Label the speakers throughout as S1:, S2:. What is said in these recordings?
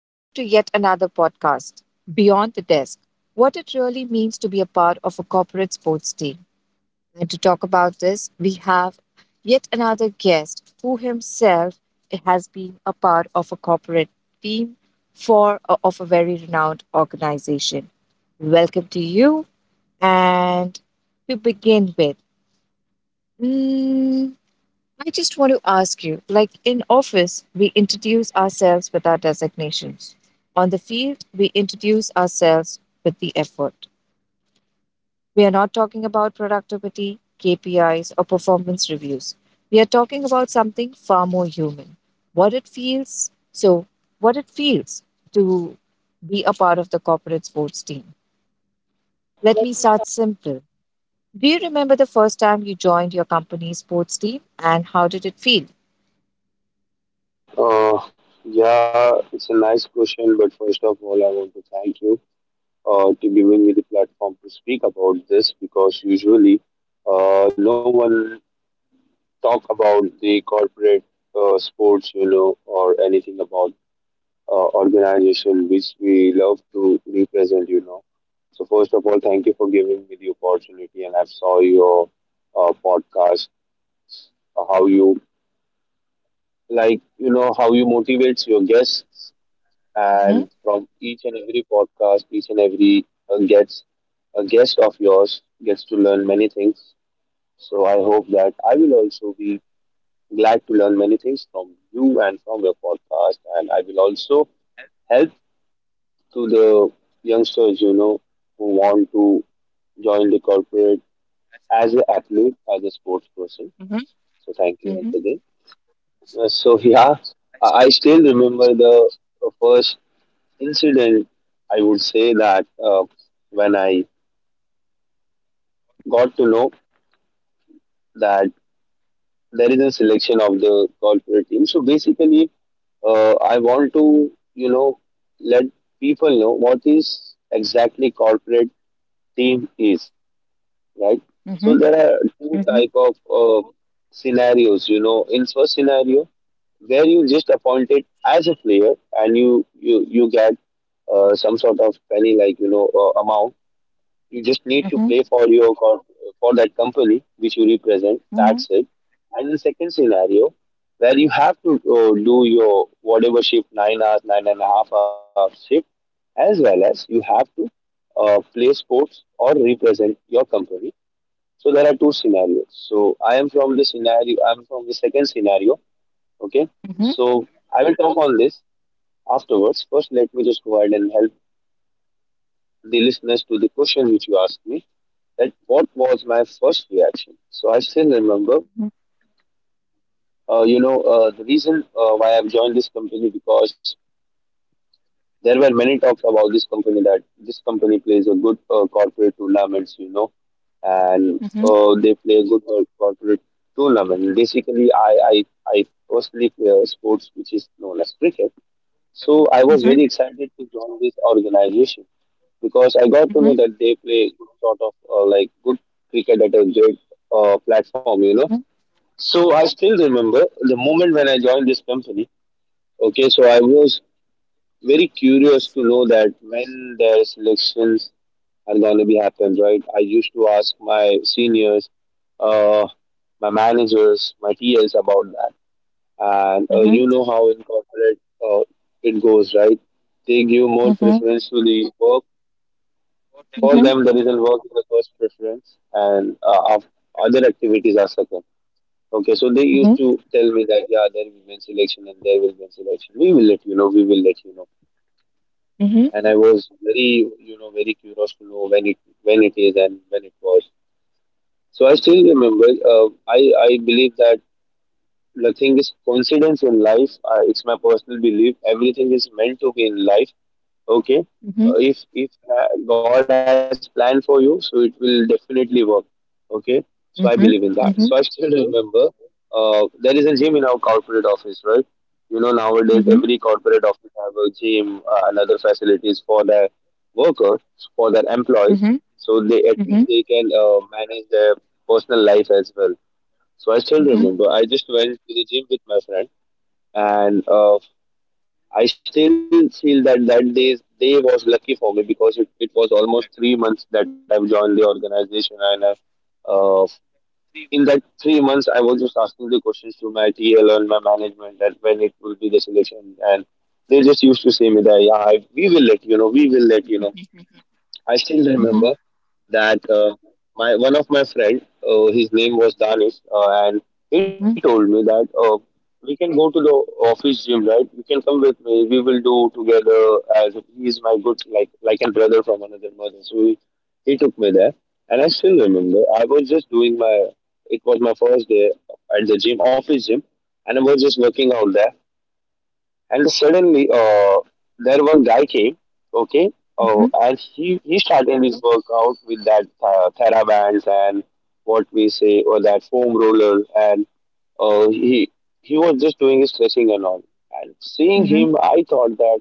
S1: Welcome to yet another podcast, Beyond the Desk, What It Really Means to Be a Part of a Corporate Sports Team. And to talk about this, we have yet another guest who himself has been a part of a corporate team for of a very renowned organization. Welcome to you. And to begin with, mm, I just want to ask you, like, in office, we introduce ourselves with our designations. On the field, we introduce ourselves with the effort. We are not talking about productivity, KPIs, or performance reviews. We are talking about something far more human. What it feels, so what it feels to be a part of the corporate sports team. Let me start simple. Do you remember the first time you joined your company's sports team, and how did it feel?
S2: Uh, yeah, it's a nice question, but first of all, I want to thank you to giving me the platform to speak about this because usually no one talk about the corporate sports, you know, or anything about organization which we love to represent. So first of all, thank you for giving me the opportunity, and I saw your podcast, how you how you motivates your guests.
S1: Mm-hmm.
S2: And from each and every podcast, each and every gets a guest of yours gets to learn many things. So I hope that I will also be glad to learn many things from you and from your podcast. And I will also help to the youngsters, who want to join the corporate as an athlete, as a sports person. So thank you once
S1: Mm-hmm.
S2: again. So yeah, I still remember the first incident, I would say that when I got to know that there is a selection of the corporate team. So basically, I want to let people know what is exactly corporate team is, right? So there are two type of scenarios. In first scenario, where you just appointed as a player, and you get some sort of penny like amount. You just need to play for for that company which you represent. That's it. And the second scenario where you have to do your whatever shift, 9 hours, 9.5 hours shift, as well as you have to play sports or represent your company. So there are two scenarios. So I am from the scenario. I'm from the second scenario. Okay. So I will talk on this afterwards. First, let me just go ahead and help the listeners to the question which you asked me, that what was my first reaction. So I still remember, the reason why I've joined this company because there were many talks about this company that this company plays a good corporate tournaments, you know, and they play a good corporate tournament. Basically, I personally play a sports which is known as cricket. So I was very excited to join this organization because I got to know that they play good sort of like good cricket at a great platform, you know. So I still remember the moment when I joined this company. Okay, so I was very curious to know that when their selections are going to be happened, right? I used to ask my seniors, uh, my managers, my TLs about that. And you know how in corporate uh, it goes, right? They give more preference to the work. For them, there is a work is the first preference, and other activities are second. Okay, so they used to tell me that yeah, there will be men's election and there will be men's election. We will let you know. We will let you know. And I was very, you know, very curious to know when it is and when it was. So I still remember. I believe that nothing is coincidence in life. It's my personal belief. Everything is meant to be in life, okay. If god has planned for you, so it will definitely work, okay. So I believe in that. So I still remember there is a gym in our corporate office, right? You know nowadays every corporate office have a gym and other facilities for their workers, for their employees, so they at least they can manage their personal life as well. So I still remember I just went to the gym with my friend, and I still feel that that day was lucky for me because it was almost 3 months that I've joined the organization, and I've uh, in that 3 months, I was just asking the questions to my TL and my management that when it will be the selection, and they just used to say me that yeah, we will let you know, we will let you know. I still remember that my one of my friend, his name was Danish, and he told me that we can go to the office gym, right? You can come with me. We will do together, as he is my good, like a brother from another mother. So he took me there, and I still remember I was just doing my, it was my first day at the gym, office gym, and I was just working out there, and suddenly there one guy came. Okay. Oh, and he started his workout with that thera and what we say, or that foam roller. And uh, he he was just doing his stretching and all, and seeing him I thought that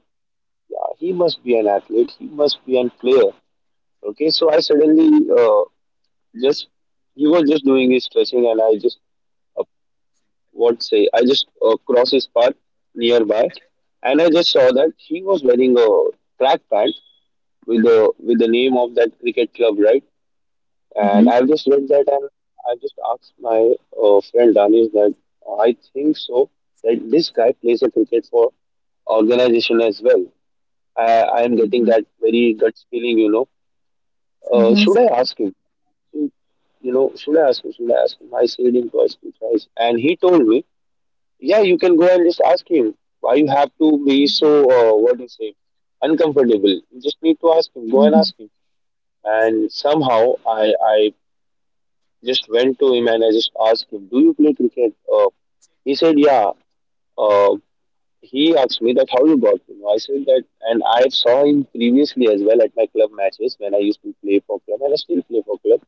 S2: yeah, he must be an athlete, he must be an player. Okay, so I suddenly uh, just he was just doing his stretching, and I just, what say, I just crossed his path nearby, and I just saw that he was wearing a track pant with the name of that cricket club, right? And I've just read that, and I just asked my friend Danish that I think so that this guy plays a cricket for organization as well. I i am getting that very gut feeling, you know. Should I ask him? You know, should I ask him? Should I ask him? I said him twice, two twice, and he told me yeah, you can go and just ask him. Why you have to be so what do you say, uncomfortable? You just need to ask him. Go and ask him. And somehow I just went to him, and I just asked him, "Do you play cricket?" He said, "Yeah." Uh, he asked me that how you got to know. I said that, and I saw him previously as well at my club matches when I used to play for club, and I still play for club.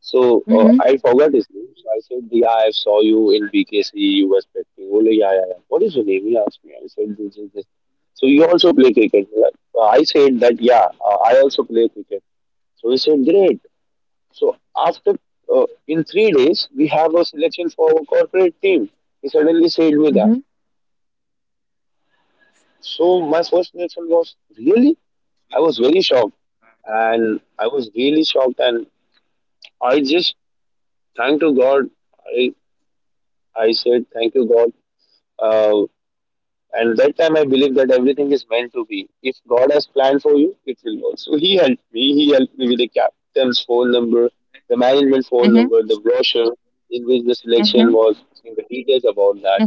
S2: So I forgot his name. So I said, "Yeah, I saw you in BKC. You were spectating." Bole, yeah, yeah, yeah. What is your name? He asked me. I said, "This, this, this." So you also play cricket? Like, I said that, yeah, I also play cricket. So he said, "Great." So after in 3 days, we have a selection for our corporate team. He suddenly said me that. So my first reaction was really. I was very shocked, and I was really shocked, and I just thank to God. I I said, thank you, God. Uh, and that time I believe that everything is meant to be. If God has planned for you, it will work. So he helped me. He helped me with the captain's phone number, the management phone number, the brochure in which the selection was, in the details about that.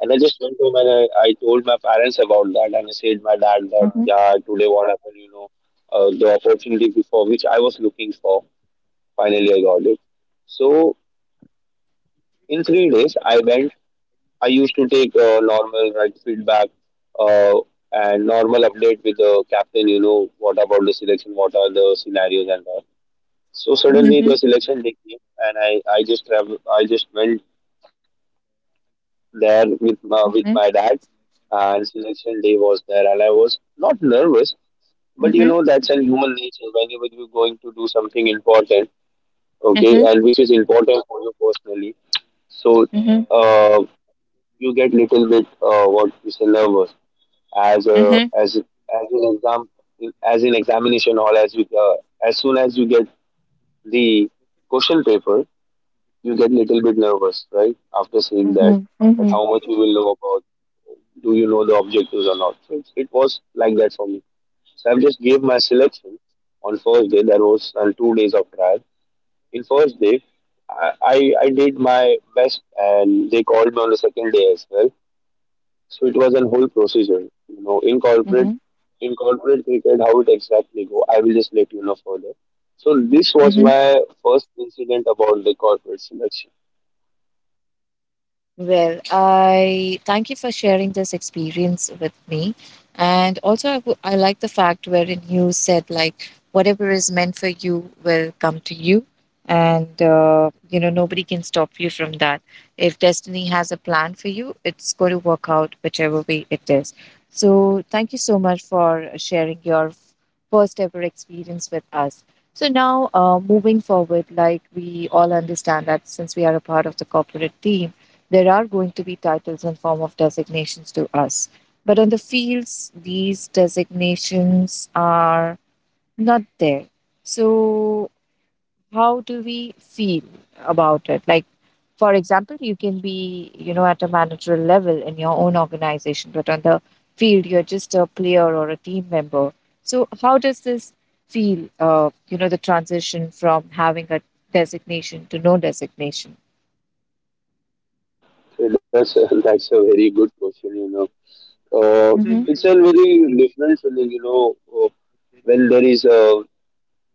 S2: And I just went home, and I told my parents about that, and I said my dad that yeah, today what happened. The opportunity before which I was looking for, finally I got it. So in 3 days I went. I used to take normal, right, feedback uh, and normal update with the captain. You know what about the selection? What are the scenarios and all? So suddenly the selection day came, and I just travel. I just went there with with my dad, and selection day was there, and I was not nervous, but you know that's an human nature. Whenever you're going to do something important, okay, and which is important for you personally, so uh, you get little bit what you say nervous, as a, as as an exam, as in examination hall, as we as soon as you get the question paper, you get little bit nervous, right? After seeing that, that how much you will know about, do you know the objectives or not. So it was like that for me. So I've just gave my selection. On first day there was 2 days of trial. In first day, I did my best, and they called me on the second day as well. So it was a whole procedure, you know, in corporate, in corporate cricket, how it exactly go. I will just let you know further. So this was my first incident about the corporate selection.
S1: Well, I thank you for sharing this experience with me. And also, I like the fact wherein you said, like, whatever is meant for you will come to you. And, you know, nobody can stop you from that. If destiny has a plan for you, it's going to work out whichever way it is. So, thank you so much for sharing your first ever experience with us. So, now, moving forward, like, we all understand that since we are a part of the corporate team, there are going to be titles and form of designations to us, but on the fields, these designations are not there. So, how do we feel about it? Like, for example, you can be, you know, at a managerial level in your own organization, but on the field, you're just a player or a team member. So, how does this feel? You know, the transition from having a designation to no designation.
S2: So that's that's a very good question, you know. Uh,
S1: Mm-hmm.
S2: it's a very different feeling, you know, uh, when there is a,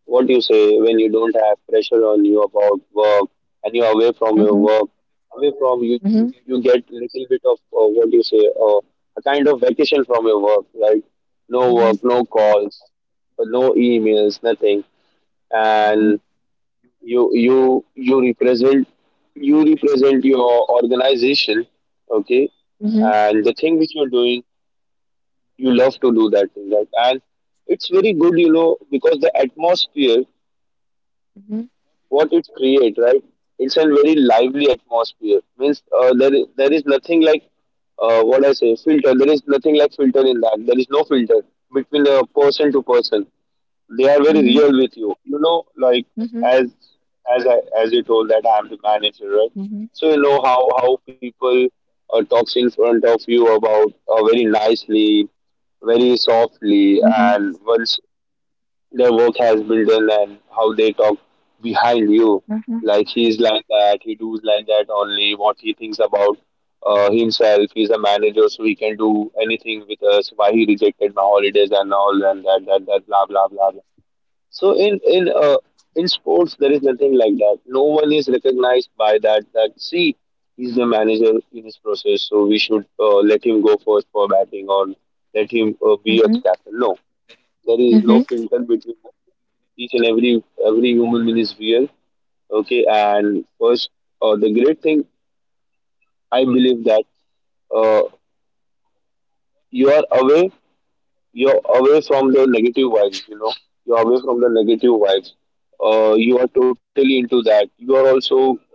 S2: what do you say, when you don't have pressure on you about work, and you're away from your
S1: Mm-hmm.
S2: work? Away from you get little bit of what do you say, a kind of vacation from your work, right? No
S1: Mhm,
S2: work, no calls, no emails, nothing,
S1: mhm,
S2: and you you you represent you represent your organization, okay?
S1: mhm,
S2: And the thing which you're doing, you love to do that thing, right? And it's very good, you know, because the atmosphere
S1: mhm,
S2: what it create, right? It's a very lively atmosphere. Means, there is nothing like, what I say, filter. There is nothing like filter in that. There is no filter between person to person. They are very
S1: mhm,
S2: real with you. You know, like
S1: mhm,
S2: as you told that I'm the manager, right?
S1: mhm,
S2: So you know how people talks in front of you about, very nicely, very softly,
S1: mhm,
S2: and once their work has built in, and how they talk behind you.
S1: mhm,
S2: Like, he's like that, he does like that only. What he thinks about, himself, he's a manager, so he can do anything with us. Why he rejected my holidays and all, and that blah blah blah, blah. So in sports there is nothing like that. No one is recognized by that. That, see, he's the manager in his process, so we should, let him go first for batting or let him,
S1: mhm,
S2: be a
S1: mhm,
S2: captain. No, there is no
S1: mhm,
S2: filter between each and every human being is real. Okay, and first, the great thing I believe that, uh, you are away you're away from the negative vibes, you know. You're away from the negative vibes. You are totally into that. You are also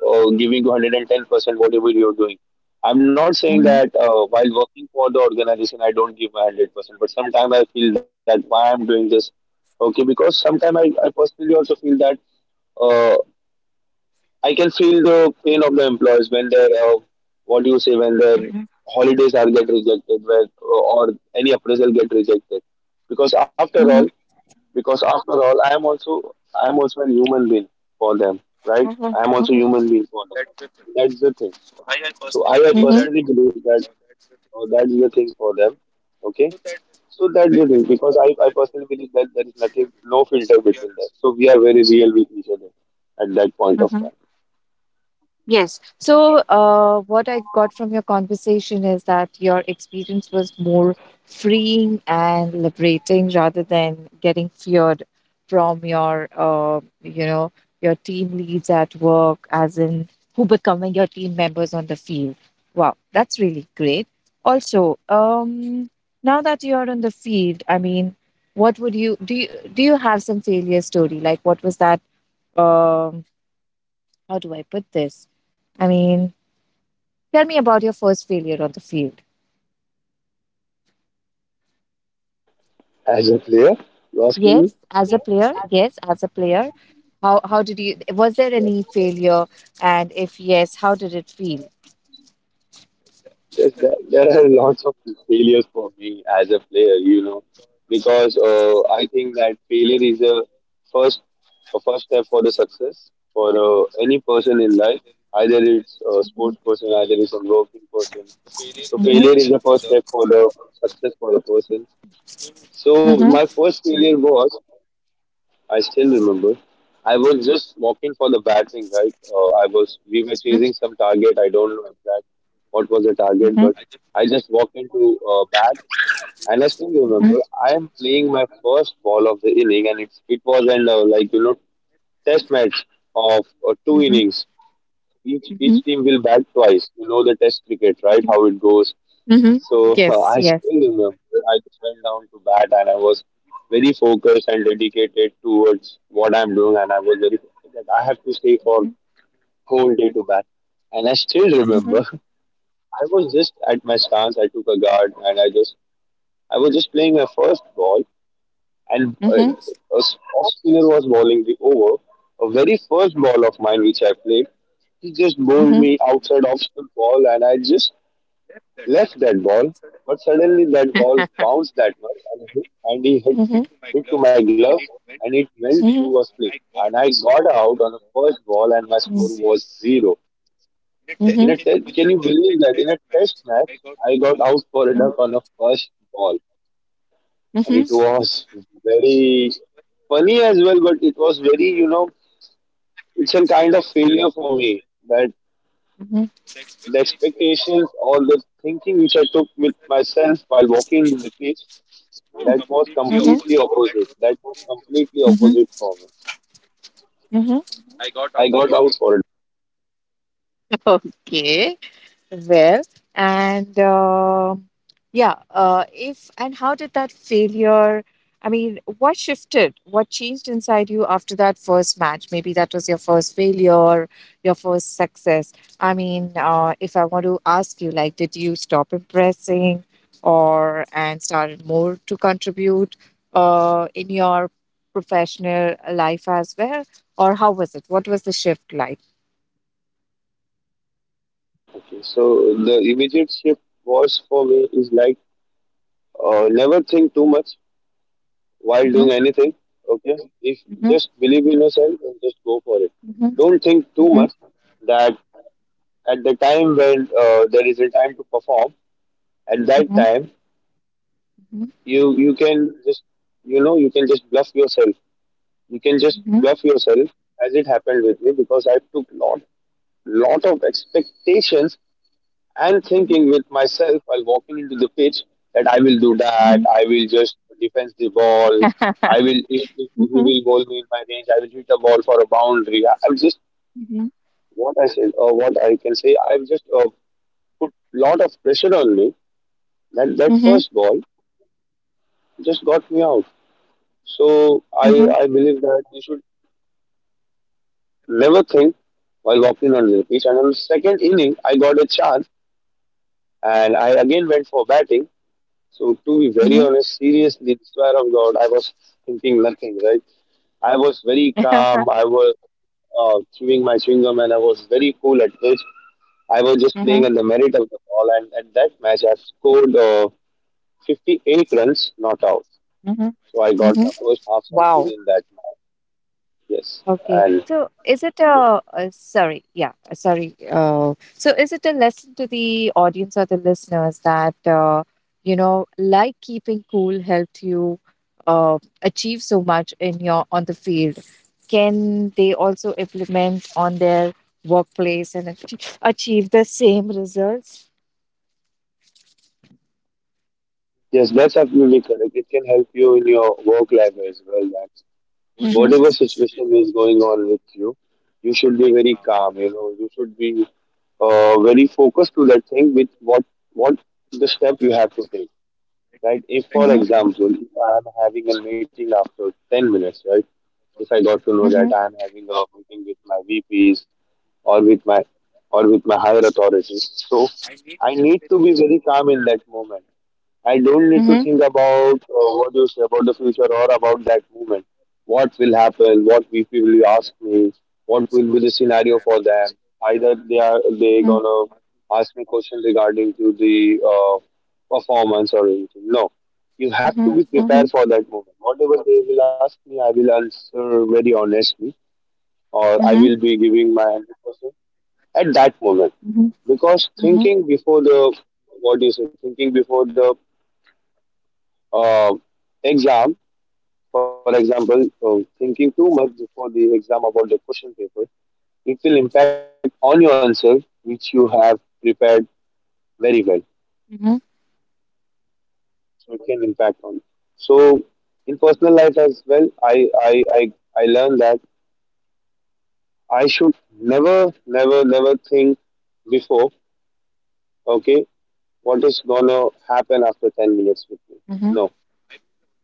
S2: giving 110% whatever you're doing. I'm not saying
S1: mhm, mhm,
S2: that while working for the organization I don't give my 100%, but sometimes I feel that why I'm doing this. Okay, because sometimes I personally also feel that, uh, I can feel the pain of the employees when their, what do you say, when their
S1: mhm,
S2: holidays are get rejected, where, or any appraisal get rejected. because after all
S1: mhm.
S2: because after all I am also a human being for them, right? I am also human being for them. That's the thing.
S1: I personally
S2: So I,
S1: believe.
S2: personally believe that, that's the thing for them, okay? So that's the thing, because I personally believe that there is nothing, no filter between us, so we are very real with each other at that point
S1: Mhm.
S2: of time.
S1: That. Yes. So, what I got from your conversation is that your experience was more freeing and liberating rather than getting feared from your, you know, your team leads at work, as in who becoming your team members on the field. Wow, that's really great. Also, now that you are on the field, I mean, what would you do? Do you have some failure story? Like, what was that? Um, how do I put this? I mean, tell me about your first failure on the field.
S2: As a player? You're asking me?
S1: Yes, as a player. Yes, as a player. How did you? Was there
S2: Yeah.
S1: any failure? And if yes, how did it feel?
S2: Yes, there are lots of failures for me as a player, you know, because I think that failure is first a first step for the success for any person in life. Either it's a sports person, either it's a working person. So
S1: Mhm.
S2: failure is the first step for the success for the person. So
S1: Mhm,
S2: my first failure was. I still remember. I was just walking for the batting, right? I was We were chasing some target. I don't know exact what was the target,
S1: mhm,
S2: but I just walked into, bat, and I still
S1: mhm,
S2: remember I am playing my first ball of the inning, and it was an, like, test match of, two
S1: mhm,
S2: innings. Each
S1: mhm, mhm,
S2: each team will bat twice. You know the test cricket, right? How it goes.
S1: mhm, mhm.
S2: So
S1: Yes,
S2: I
S1: yes.
S2: still remember I just went down to bat, and I was very focused and dedicated towards what I'm doing, and I was very that I have to stay for
S1: Mhm,
S2: whole day to bat. And I still remember
S1: mhm,
S2: I was just at my stance. I took a guard and I was just playing my first ball, and
S1: mhm,
S2: a off spinner was bowling the over. A very first ball of mine which I played, he just
S1: mhm,
S2: bowled
S1: mhm,
S2: me outside off the ball and I just left that ball, but suddenly that ball bounced that much, and, hit, and he hit,
S1: mhm, mhm,
S2: hit to my glove, and it went through a split. And I got out on the first ball and my score was zero. In a can you believe that in a test match I got out for a
S1: mhm,
S2: duck on the first ball. And
S1: mhm,
S2: it was very funny as well, but it was very, it's a kind of failure for me, that
S1: mhm.
S2: the expectations or the thinking which I took with myself while walking the beach, that was
S1: Mm-hmm.
S2: completely opposite. That was completely
S1: Mm-hmm.
S2: opposite for me.
S1: Mm-hmm.
S2: I got out for it.
S1: Okay, well, and yeah. If and how did that failure? I mean, what shifted? What changed inside you after that first match? Maybe that was your first failure, your first success. I mean, if I want to ask you, like, did you stop impressing, or and started more to contribute, in your professional life as well, or how was it? What was the shift like?
S2: So the immediate shift was for me is like, never think too much while
S1: Hmm.
S2: doing anything. Okay, if
S1: Hmm.
S2: just believe in yourself and just go for it.
S1: Hmm.
S2: Don't think too
S1: Hmm.
S2: much, that at the time when, there is a time to perform. At that
S1: Hmm.
S2: time, you can just, you know, you can just bluff yourself. You can just
S1: Hmm.
S2: bluff yourself, as it happened with me, because I took lot of expectations and thinking with myself while walking into the pitch, that I will do that,
S1: Hmm.
S2: I will just defense the ball, I will if he will bowl me in my range, I will hit the ball for a boundary. I'm just
S1: Hmm.
S2: what I said or what I can say. I've just, put lot of pressure on me. That
S1: Mhm,
S2: first ball just got me out. So I
S1: mhm,
S2: I believe that you should never think while walking on the pitch. And on the second inning, I got a chance and I again went for batting. So, to be very
S1: mhm,
S2: honest, seriously, swear of God, I was thinking nothing, right? I was very
S1: mhm,
S2: calm. I was, chewing my chewing gum, and I was very cool at pitch. I was just playing
S1: mhm,
S2: on the merit of the ball. And at that match, I scored, 58 runs, not out.
S1: mhm.
S2: So, I got my first half
S1: Wow.
S2: century in that match. Yes.
S1: Okay.
S2: And,
S1: So is it a, uh, sorry, yeah, sorry. So is it a lesson to the audience or the listeners that, you know, like keeping cool helped you achieve so much in your on the field? Can they also implement on their workplace and achieve the same results?
S2: yes, that's absolutely correct. It can help you in your work life as well. That,
S1: Mhm.
S2: whatever situation is going on with you, you should be very calm. You know, you should be, very focused to that thing, with what the step you have to take.
S1: Right?
S2: Right?
S1: If,
S2: If,
S1: for, Mm-hmm,
S2: for
S1: example,
S2: example, if I am having a meeting after 10 minutes, right? If I got to know that
S1: Mm-hmm.
S2: I am having a meeting with my VPs, or with my or with my higher authorities, so I need to be very calm in that moment. I don't need to
S1: Mm-hmm.
S2: think about, what you say, about the future or about that moment. What will happen? What people will you ask me? What will be the scenario for them?
S1: They are.
S2: Either they
S1: Mm-hmm.
S2: gonna ask me questions regarding to the, performance or anything. No, you
S1: They
S2: have
S1: Mm-hmm
S2: to be
S1: prepare for
S2: prepared
S1: that.
S2: for that moment. Whatever they will ask me, I will answer very honestly, or I
S1: Mm-hmm.
S2: will be giving my 100% at that moment.
S1: Mm-hmm.
S2: Because
S1: Mm-hmm. Mm-hmm.
S2: thinking before the, what do you say? Thinking before the, uh, exam, for example, thinking too much before the exam about the question paper, it will impact on your answer which you have prepared very well.
S1: Mm-hmm.
S2: So it can impact on. So in personal life as well, I learned that I should never never never think before. Okay, what is gonna happen after 10 minutes with me?
S1: Mm-hmm.
S2: No,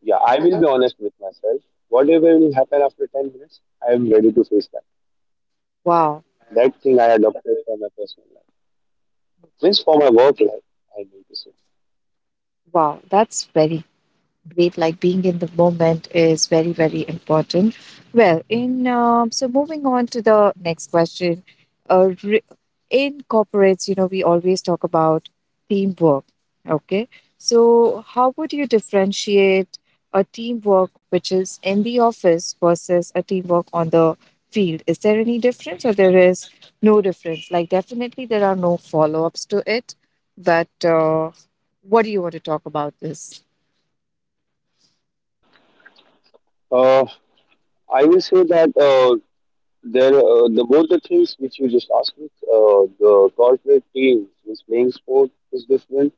S2: yeah, I will be honest with myself. Whatever will happen after 10 minutes, I am ready to face that.
S1: Wow.
S2: That thing I adopted for my personal life, means for my work life. I mean to say.
S1: Wow. That's very great, like being in the moment is very, very important. Well, in so moving on to the next question. Uh, re- in corporates, you know, we always talk about teamwork. Okay, so how would you differentiate a teamwork which is in the office versus a teamwork on the field? Is there any difference, or there is no difference? Like, definitely there are no follow-ups to it, but what do you want to talk about this?
S2: Uh, I will say that, the both the things which you just asked me, the corporate team means playing sport is different,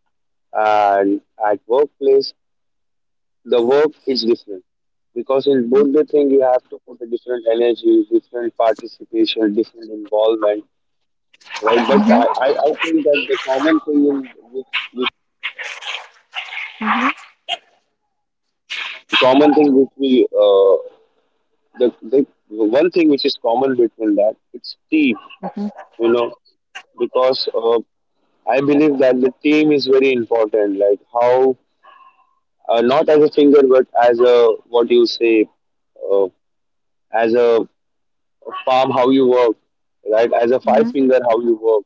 S2: and at workplace the work is different, because in both the thing you have to put a different energy, different participation, different involvement, right? But
S1: Mhm,
S2: I think that which the common thing which we, the one thing which is common between that, it's team.
S1: mhm,
S2: You know, because, I believe that the team is very important, like how, not as a finger but as a, what you say, uh, as a palm how you work, right? As a five
S1: mhm,
S2: finger how you work.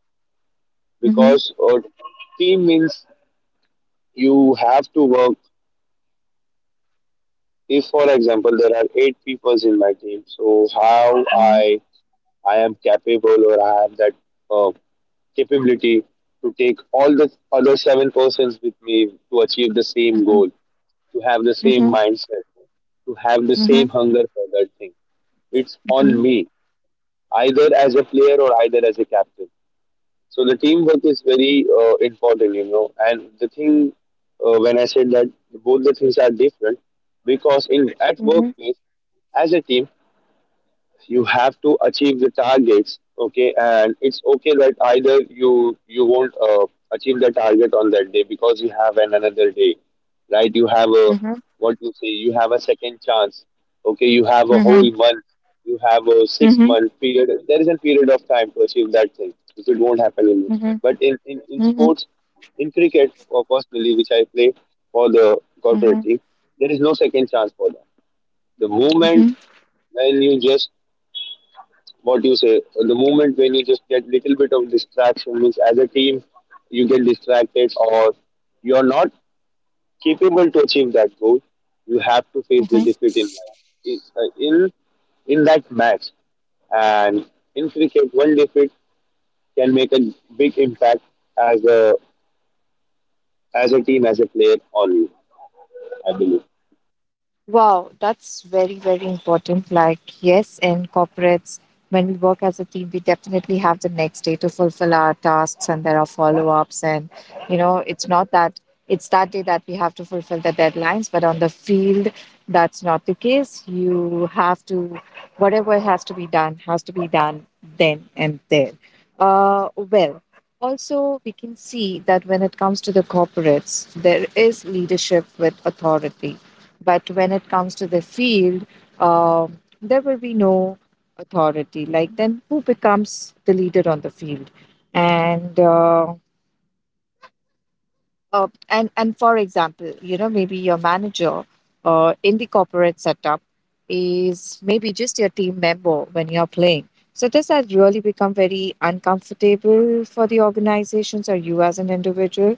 S1: mhm,
S2: Because, team means you have to work. If, for example, there are eight people in my team, so how
S1: mhm,
S2: I am capable, or I have that, uh, capability to take all the other seven persons with me to achieve the same
S1: mhm,
S2: goal, to have the same
S1: mhm,
S2: mindset, to have the same
S1: mhm,
S2: hunger for that thing. It's
S1: mhm,
S2: on me, either as a player or either as a captain. So the teamwork is very, important, you know. And the thing, when I said that both the things are different, because in at
S1: mhm,
S2: workplace as a team you have to achieve the targets, okay, and it's okay that either you won't achieve the target on that day because you have an another day, right? You have a
S1: mhm, mhm,
S2: what you say, you have a second chance, okay, you have a
S1: mhm,
S2: whole month, you have a six
S1: mhm,
S2: month period. There is a period of time to achieve that thing if it won't happen in you.
S1: mhm,
S2: But in
S1: mhm, mhm,
S2: sports, in cricket, or personally which I play for the corporate
S1: mhm,
S2: team, there is no second chance for that. The moment
S1: mhm.
S2: when you just what you say, the moment when you just get little bit of distraction, means as a team, you get distracted or you're not capable to achieve that goal, you have to face the
S1: Mhm.
S2: defeat in life. In in that match. And in cricket, one defeat can make a big impact as a, as a team, as a player on you, I believe.
S1: Wow, that's very, very important. Like, yes, in corporates, when we work as a team, we definitely have the next day to fulfill our tasks and there are follow ups. And, you know, it's not that it's that day that we have to fulfill the deadlines, but on the field, that's not the case. You have to, whatever has to be done, has to be done then and there. Well, also, we can see that when it comes to the corporates, there is leadership with authority. But when it comes to the field, there will be no authority. Like, then who becomes the leader on the field? And and for example, you know, maybe your manager in the corporate setup is maybe just your team member when you're playing. So does that really become very uncomfortable for the organizations or you as an individual?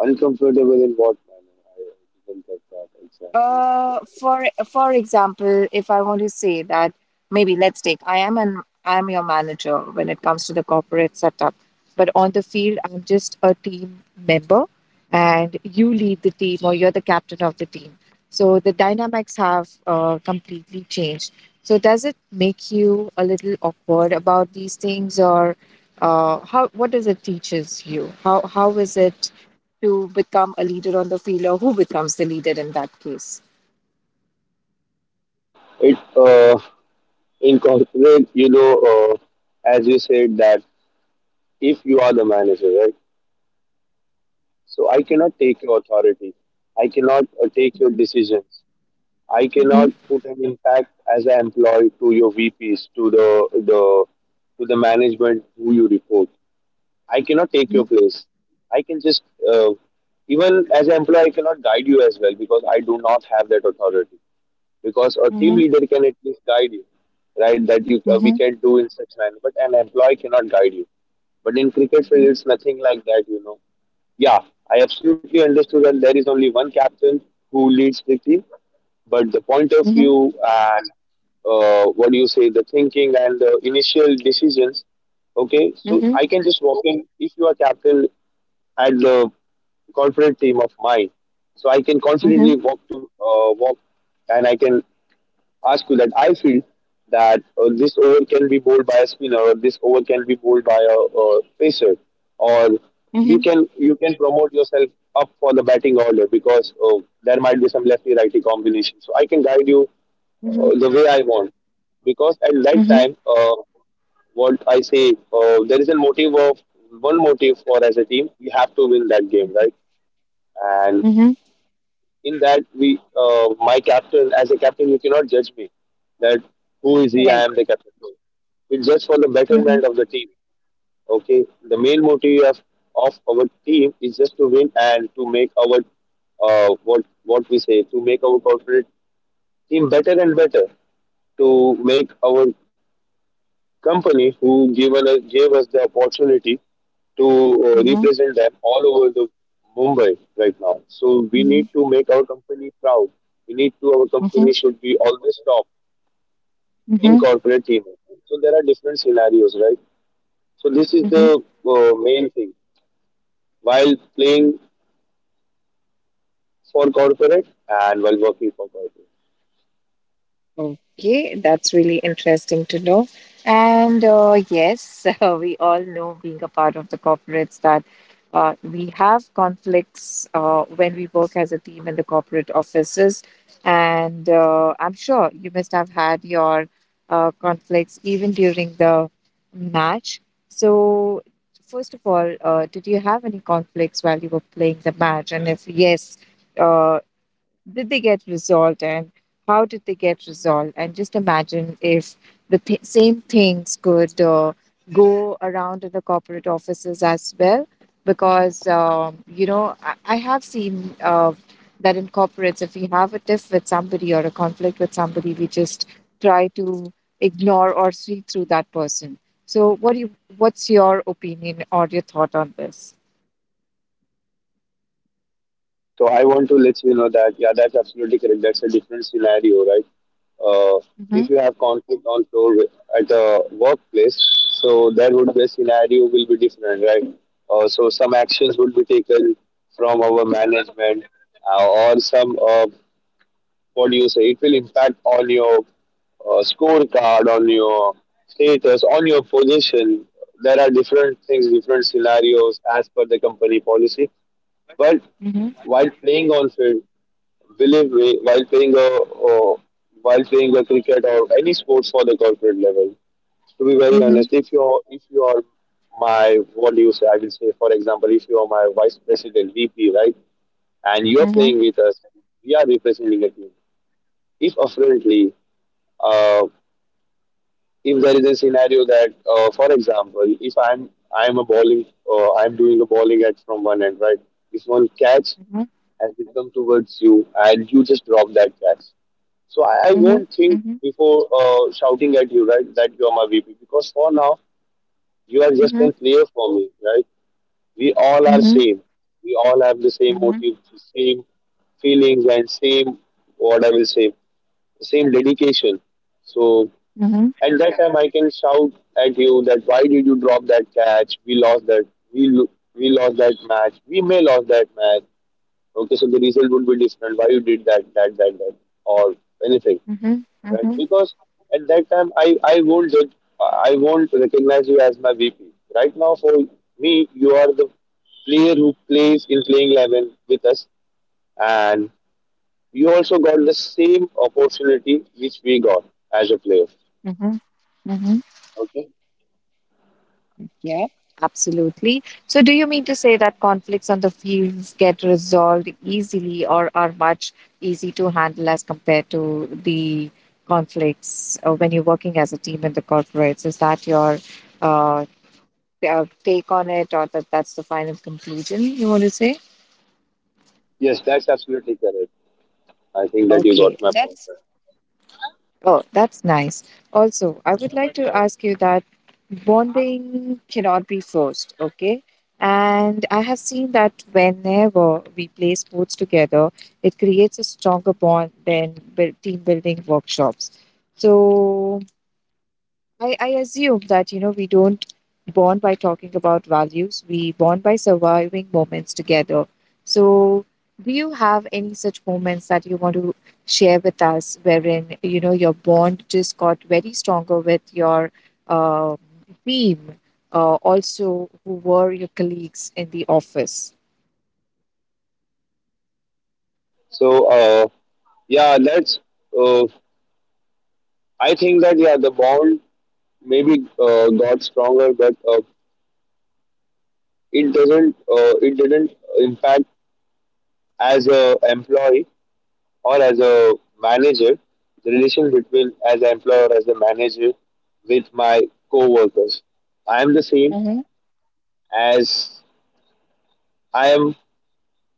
S2: Uncomfortable in what manner? I didn't get that exactly.
S1: Uh, for for example, if I want to say that maybe let's take I am your manager when it comes to the corporate setup, but on the field I'm just a team member, and you lead the team or you're the captain of the team. So the dynamics have completely changed. So does it make you a little awkward about these things, or how what does it teaches you? How is it to become a leader on the field, or who becomes the leader in that case?
S2: it In corporate, you know, as you said that if you are the manager, right? So I
S1: Mhm,
S2: cannot take your authority. I cannot take your
S1: mhm,
S2: decisions. I
S1: mhm,
S2: cannot put an impact as an employee to your VPs, to the to the management who you report. I cannot take your place. I can just uh, even as an employee, I cannot guide you as well because I do not have that authority. Because a team
S1: mhm,
S2: leader can at least guide you, right? That you we
S1: mhm,
S2: can do in such manner, but an employee cannot guide you. But in cricket field,
S1: mhm,
S2: it's nothing like that, you know. Yeah, I absolutely understood that there is only one captain who leads the team, but the point of
S1: mhm,
S2: view and what do you say, the thinking and the initial decisions. Okay, so
S1: mhm,
S2: I can just walk in if you are captain at the corporate team of mine. So I can
S1: mhm,
S2: confidently walk to walk, and I can ask you that I feel that this over can be bowled by a spinner, or this over can be bowled by a pacer, or you
S1: mhm,
S2: can you can promote yourself up for the batting order because there might be some lefty righty combination. So I can guide you
S1: mhm,
S2: the way I want because at that
S1: mhm,
S2: time, what I say, there is a motive of one motive for as a team, we have to win that game, right? And
S1: mhm,
S2: in that we my captain as a captain you cannot judge me that who is he, I am
S1: Correct,
S2: the captain. No, it's just for the
S1: mhm,
S2: betterment of the team, okay? The main motive of our team is just to win and to make our what we say, to make our corporate team better and better, to make our company who gave us the opportunity to
S1: mhm,
S2: represent them all over the Mumbai right now. So we need
S1: mhm,
S2: to make our company proud. We need to our
S1: mhm,
S2: company should be always top in
S1: mhm,
S2: corporate team. So there are different scenarios, right? So this is
S1: mhm, mhm.
S2: the main thing while playing for corporate and while working for corporate.
S1: Okay, that's really interesting to know. And yes, we all know, being a part of the corporates, that we have conflicts when we work as a team in the corporate offices. And I'm sure you must have had your conflicts even during the match. So, first of all, did you have any conflicts while you were playing the match? And if yes, uh, did they get resolved, and how did they get resolved? And just imagine if the same things could go around in the corporate offices as well, because you know, I have seen that in corporates, if we have a tiff with somebody or a conflict with somebody, we just try to ignore or sweep through that person. So what's your opinion or your thought on this?
S2: Okay, so I want to let you know that, yeah, that's absolutely correct. That's a different scenario, right? Uh,
S1: Mm-hmm.
S2: if you have conflict on floor at the workplace, so that would be a scenario will be different, right? So some actions would be taken from our management or some, what do you say, it will impact on your scorecard, on your status, on your position. There are different things, different scenarios as per the company policy. But
S1: Mm-hmm.
S2: while playing on field, believe me, while playing a cricket or any sports for the corporate level. To be very
S1: Mm-hmm.
S2: honest, if you are my what do you say? I will say, for example, if you are my vice president, VP, right, and you are
S1: Mm-hmm.
S2: playing with us, we are representing a team. If apparently, uh, if there is a scenario that, for example, if I'm I'm a bowling, I'm doing a bowling at from one end, right? If one catch
S1: Mm-hmm.
S2: has become towards you and you just drop that cash. So I won't think
S1: Mm-hmm.
S2: before shouting at you, right, that you are my VP because for now you are just
S1: Mhm,
S2: a player for me, right? We all are
S1: mhm,
S2: same. We all have the same
S1: mhm,
S2: motive, same feelings, and same what I will say, same dedication. So
S1: mhm,
S2: at that time, I can shout at you that why did you drop that catch? We lost that. We lo- we lost that match. We may lost that match. Okay, so the result would be different. Why you did that, that, that, that, or anything,
S1: mhm,
S2: right?
S1: mhm,
S2: Because at that time, I won't judge, I won't recognize you as my VP. Right now, for me, you are the player who plays in playing 11 with us, and you also got the same opportunity which we got as a player.
S1: mhm, mhm.
S2: Okay.
S1: Yeah, absolutely. So, do you mean to say that conflicts on the fields get resolved easily or are much easy to handle as compared to the conflicts when you're working as a team in the corporates? Is that your uh, take on it, or that that's the final conclusion you want to say?
S2: Yes, that's absolutely correct. I think that you
S1: Okay,
S2: got my point,
S1: that's,
S2: sir.
S1: oh, that's nice. Also, I would like to ask you that bonding cannot be forced, okay? And I have seen that whenever we play sports together, it creates a stronger bond than team building workshops. So, I assume that, you know, we don't bond by talking about values, we bond by surviving moments together. So, do you have any such moments that you want to share with us wherein, you know, your bond just got very stronger with your um, team, also who were your colleagues in the office?
S2: So, yeah, that's. Uh, I think that yeah, the bond maybe got stronger, but it doesn't it didn't impact as a employee or as a manager, the relation between as an employer or as a manager with my co-workers. I am the same
S1: Mm-hmm.
S2: as I am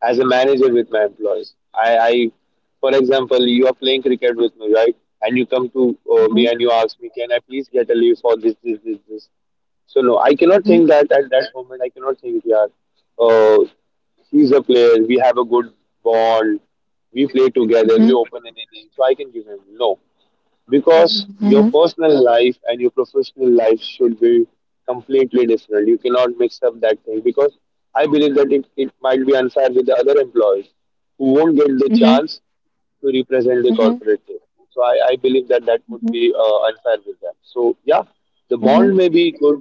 S2: as a manager with my employees. I for example, you are playing cricket with me, right? And you come to me
S1: Mm-hmm.
S2: and you ask me, can I please get a leave for this, this, this, this? So no, I cannot think that at that moment. I cannot think, yeah, uh, he's a player. We have a good bond. We play together.
S1: Mm-hmm.
S2: We
S1: Mm-hmm.
S2: open an inning, so I can give him. No, because your
S1: Mm-hmm.
S2: personal life and your professional life should be completely different. You cannot mix up that thing because I believe that it might be unfair with the other employees who won't get the
S1: Mm-hmm.
S2: chance to represent the
S1: Mm-hmm. Mm-hmm.
S2: corporate team. So I believe that that would
S1: Mm-hmm.
S2: be unfair with them. So yeah, the bond may be good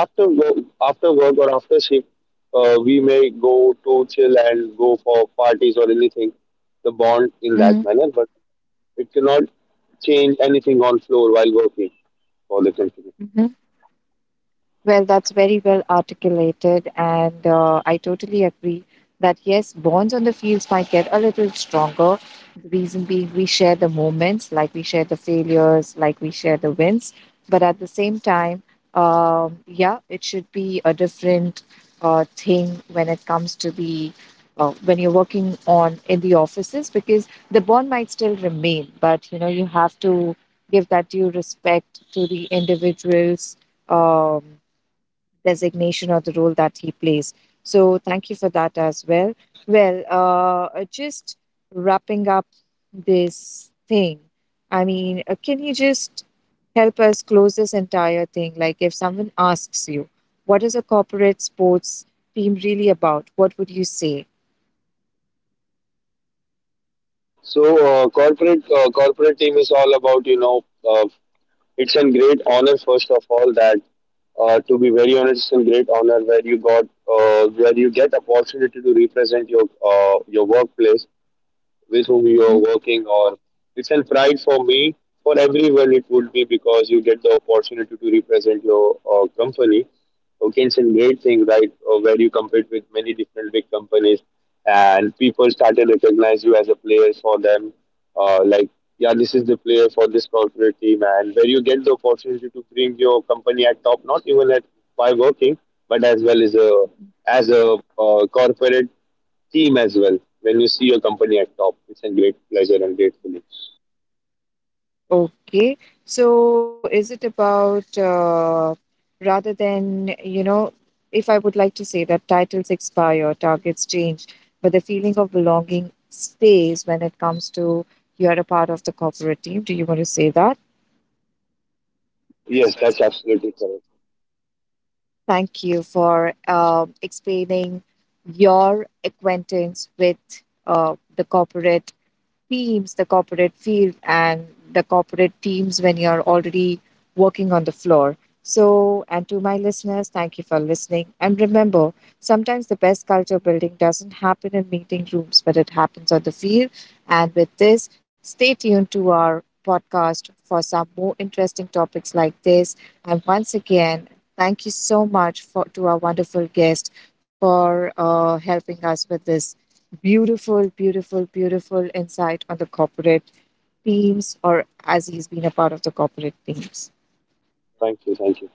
S2: after work or after shift. We may go to chill and go for parties or anything. The bond in that
S1: Mm-hmm.
S2: manner, but it cannot change anything on floor while working for the company.
S1: Mm-hmm. Well, that's very well articulated, and I totally agree that yes, bonds on the fields might get a little stronger. The reason being, we share the moments, like we share the failures, like we share the wins. But at the same time, yeah, it should be a different thing when it comes to the when you're working on in the offices, because the bond might still remain, but you know you have to give that due respect to the individuals. Um, designation or the role that he plays. So thank you for that as well. Well, just wrapping up this thing. I mean, can you just help us close this entire thing? Like, if someone asks you, what is a corporate sports team really about? What would you say?
S2: So corporate team is all about you know it's a great honor first of all that to be very honest it's a great honor where you got where you get opportunity to represent your workplace with whom you are working on. It's a pride for me. For everyone, it would be because you get the opportunity to represent your company. Okay, it's a great thing, right? Where you compete with many different big companies, and people started recognize you as a player for them. Like, yeah, this is the player for this corporate team, and where you get the opportunity to bring your company at top, not even at by working, but as well as a corporate team as well when you see your company at top. It's a great pleasure and gratefully.
S1: Okay. So is it about rather than, you know, if I would like to say that titles expire, targets change, but the feeling of belonging stays when it comes to you're a part of the corporate team. Do you want to say that?
S2: Yes, that's absolutely correct.
S1: Thank you for um, explaining your acquaintance with the corporate teams, the corporate field, and the corporate teams when you're already working on the floor. So, and to my listeners, thank you for listening. And remember, sometimes the best culture building doesn't happen in meeting rooms, but it happens on the field. And with this, stay tuned to our podcast for some more interesting topics like this. And once again, thank you so much for to our wonderful guest for helping us with this beautiful, beautiful, beautiful insight on the corporate teams, or as he's been a part of the corporate teams.
S2: Thank you. Thank you.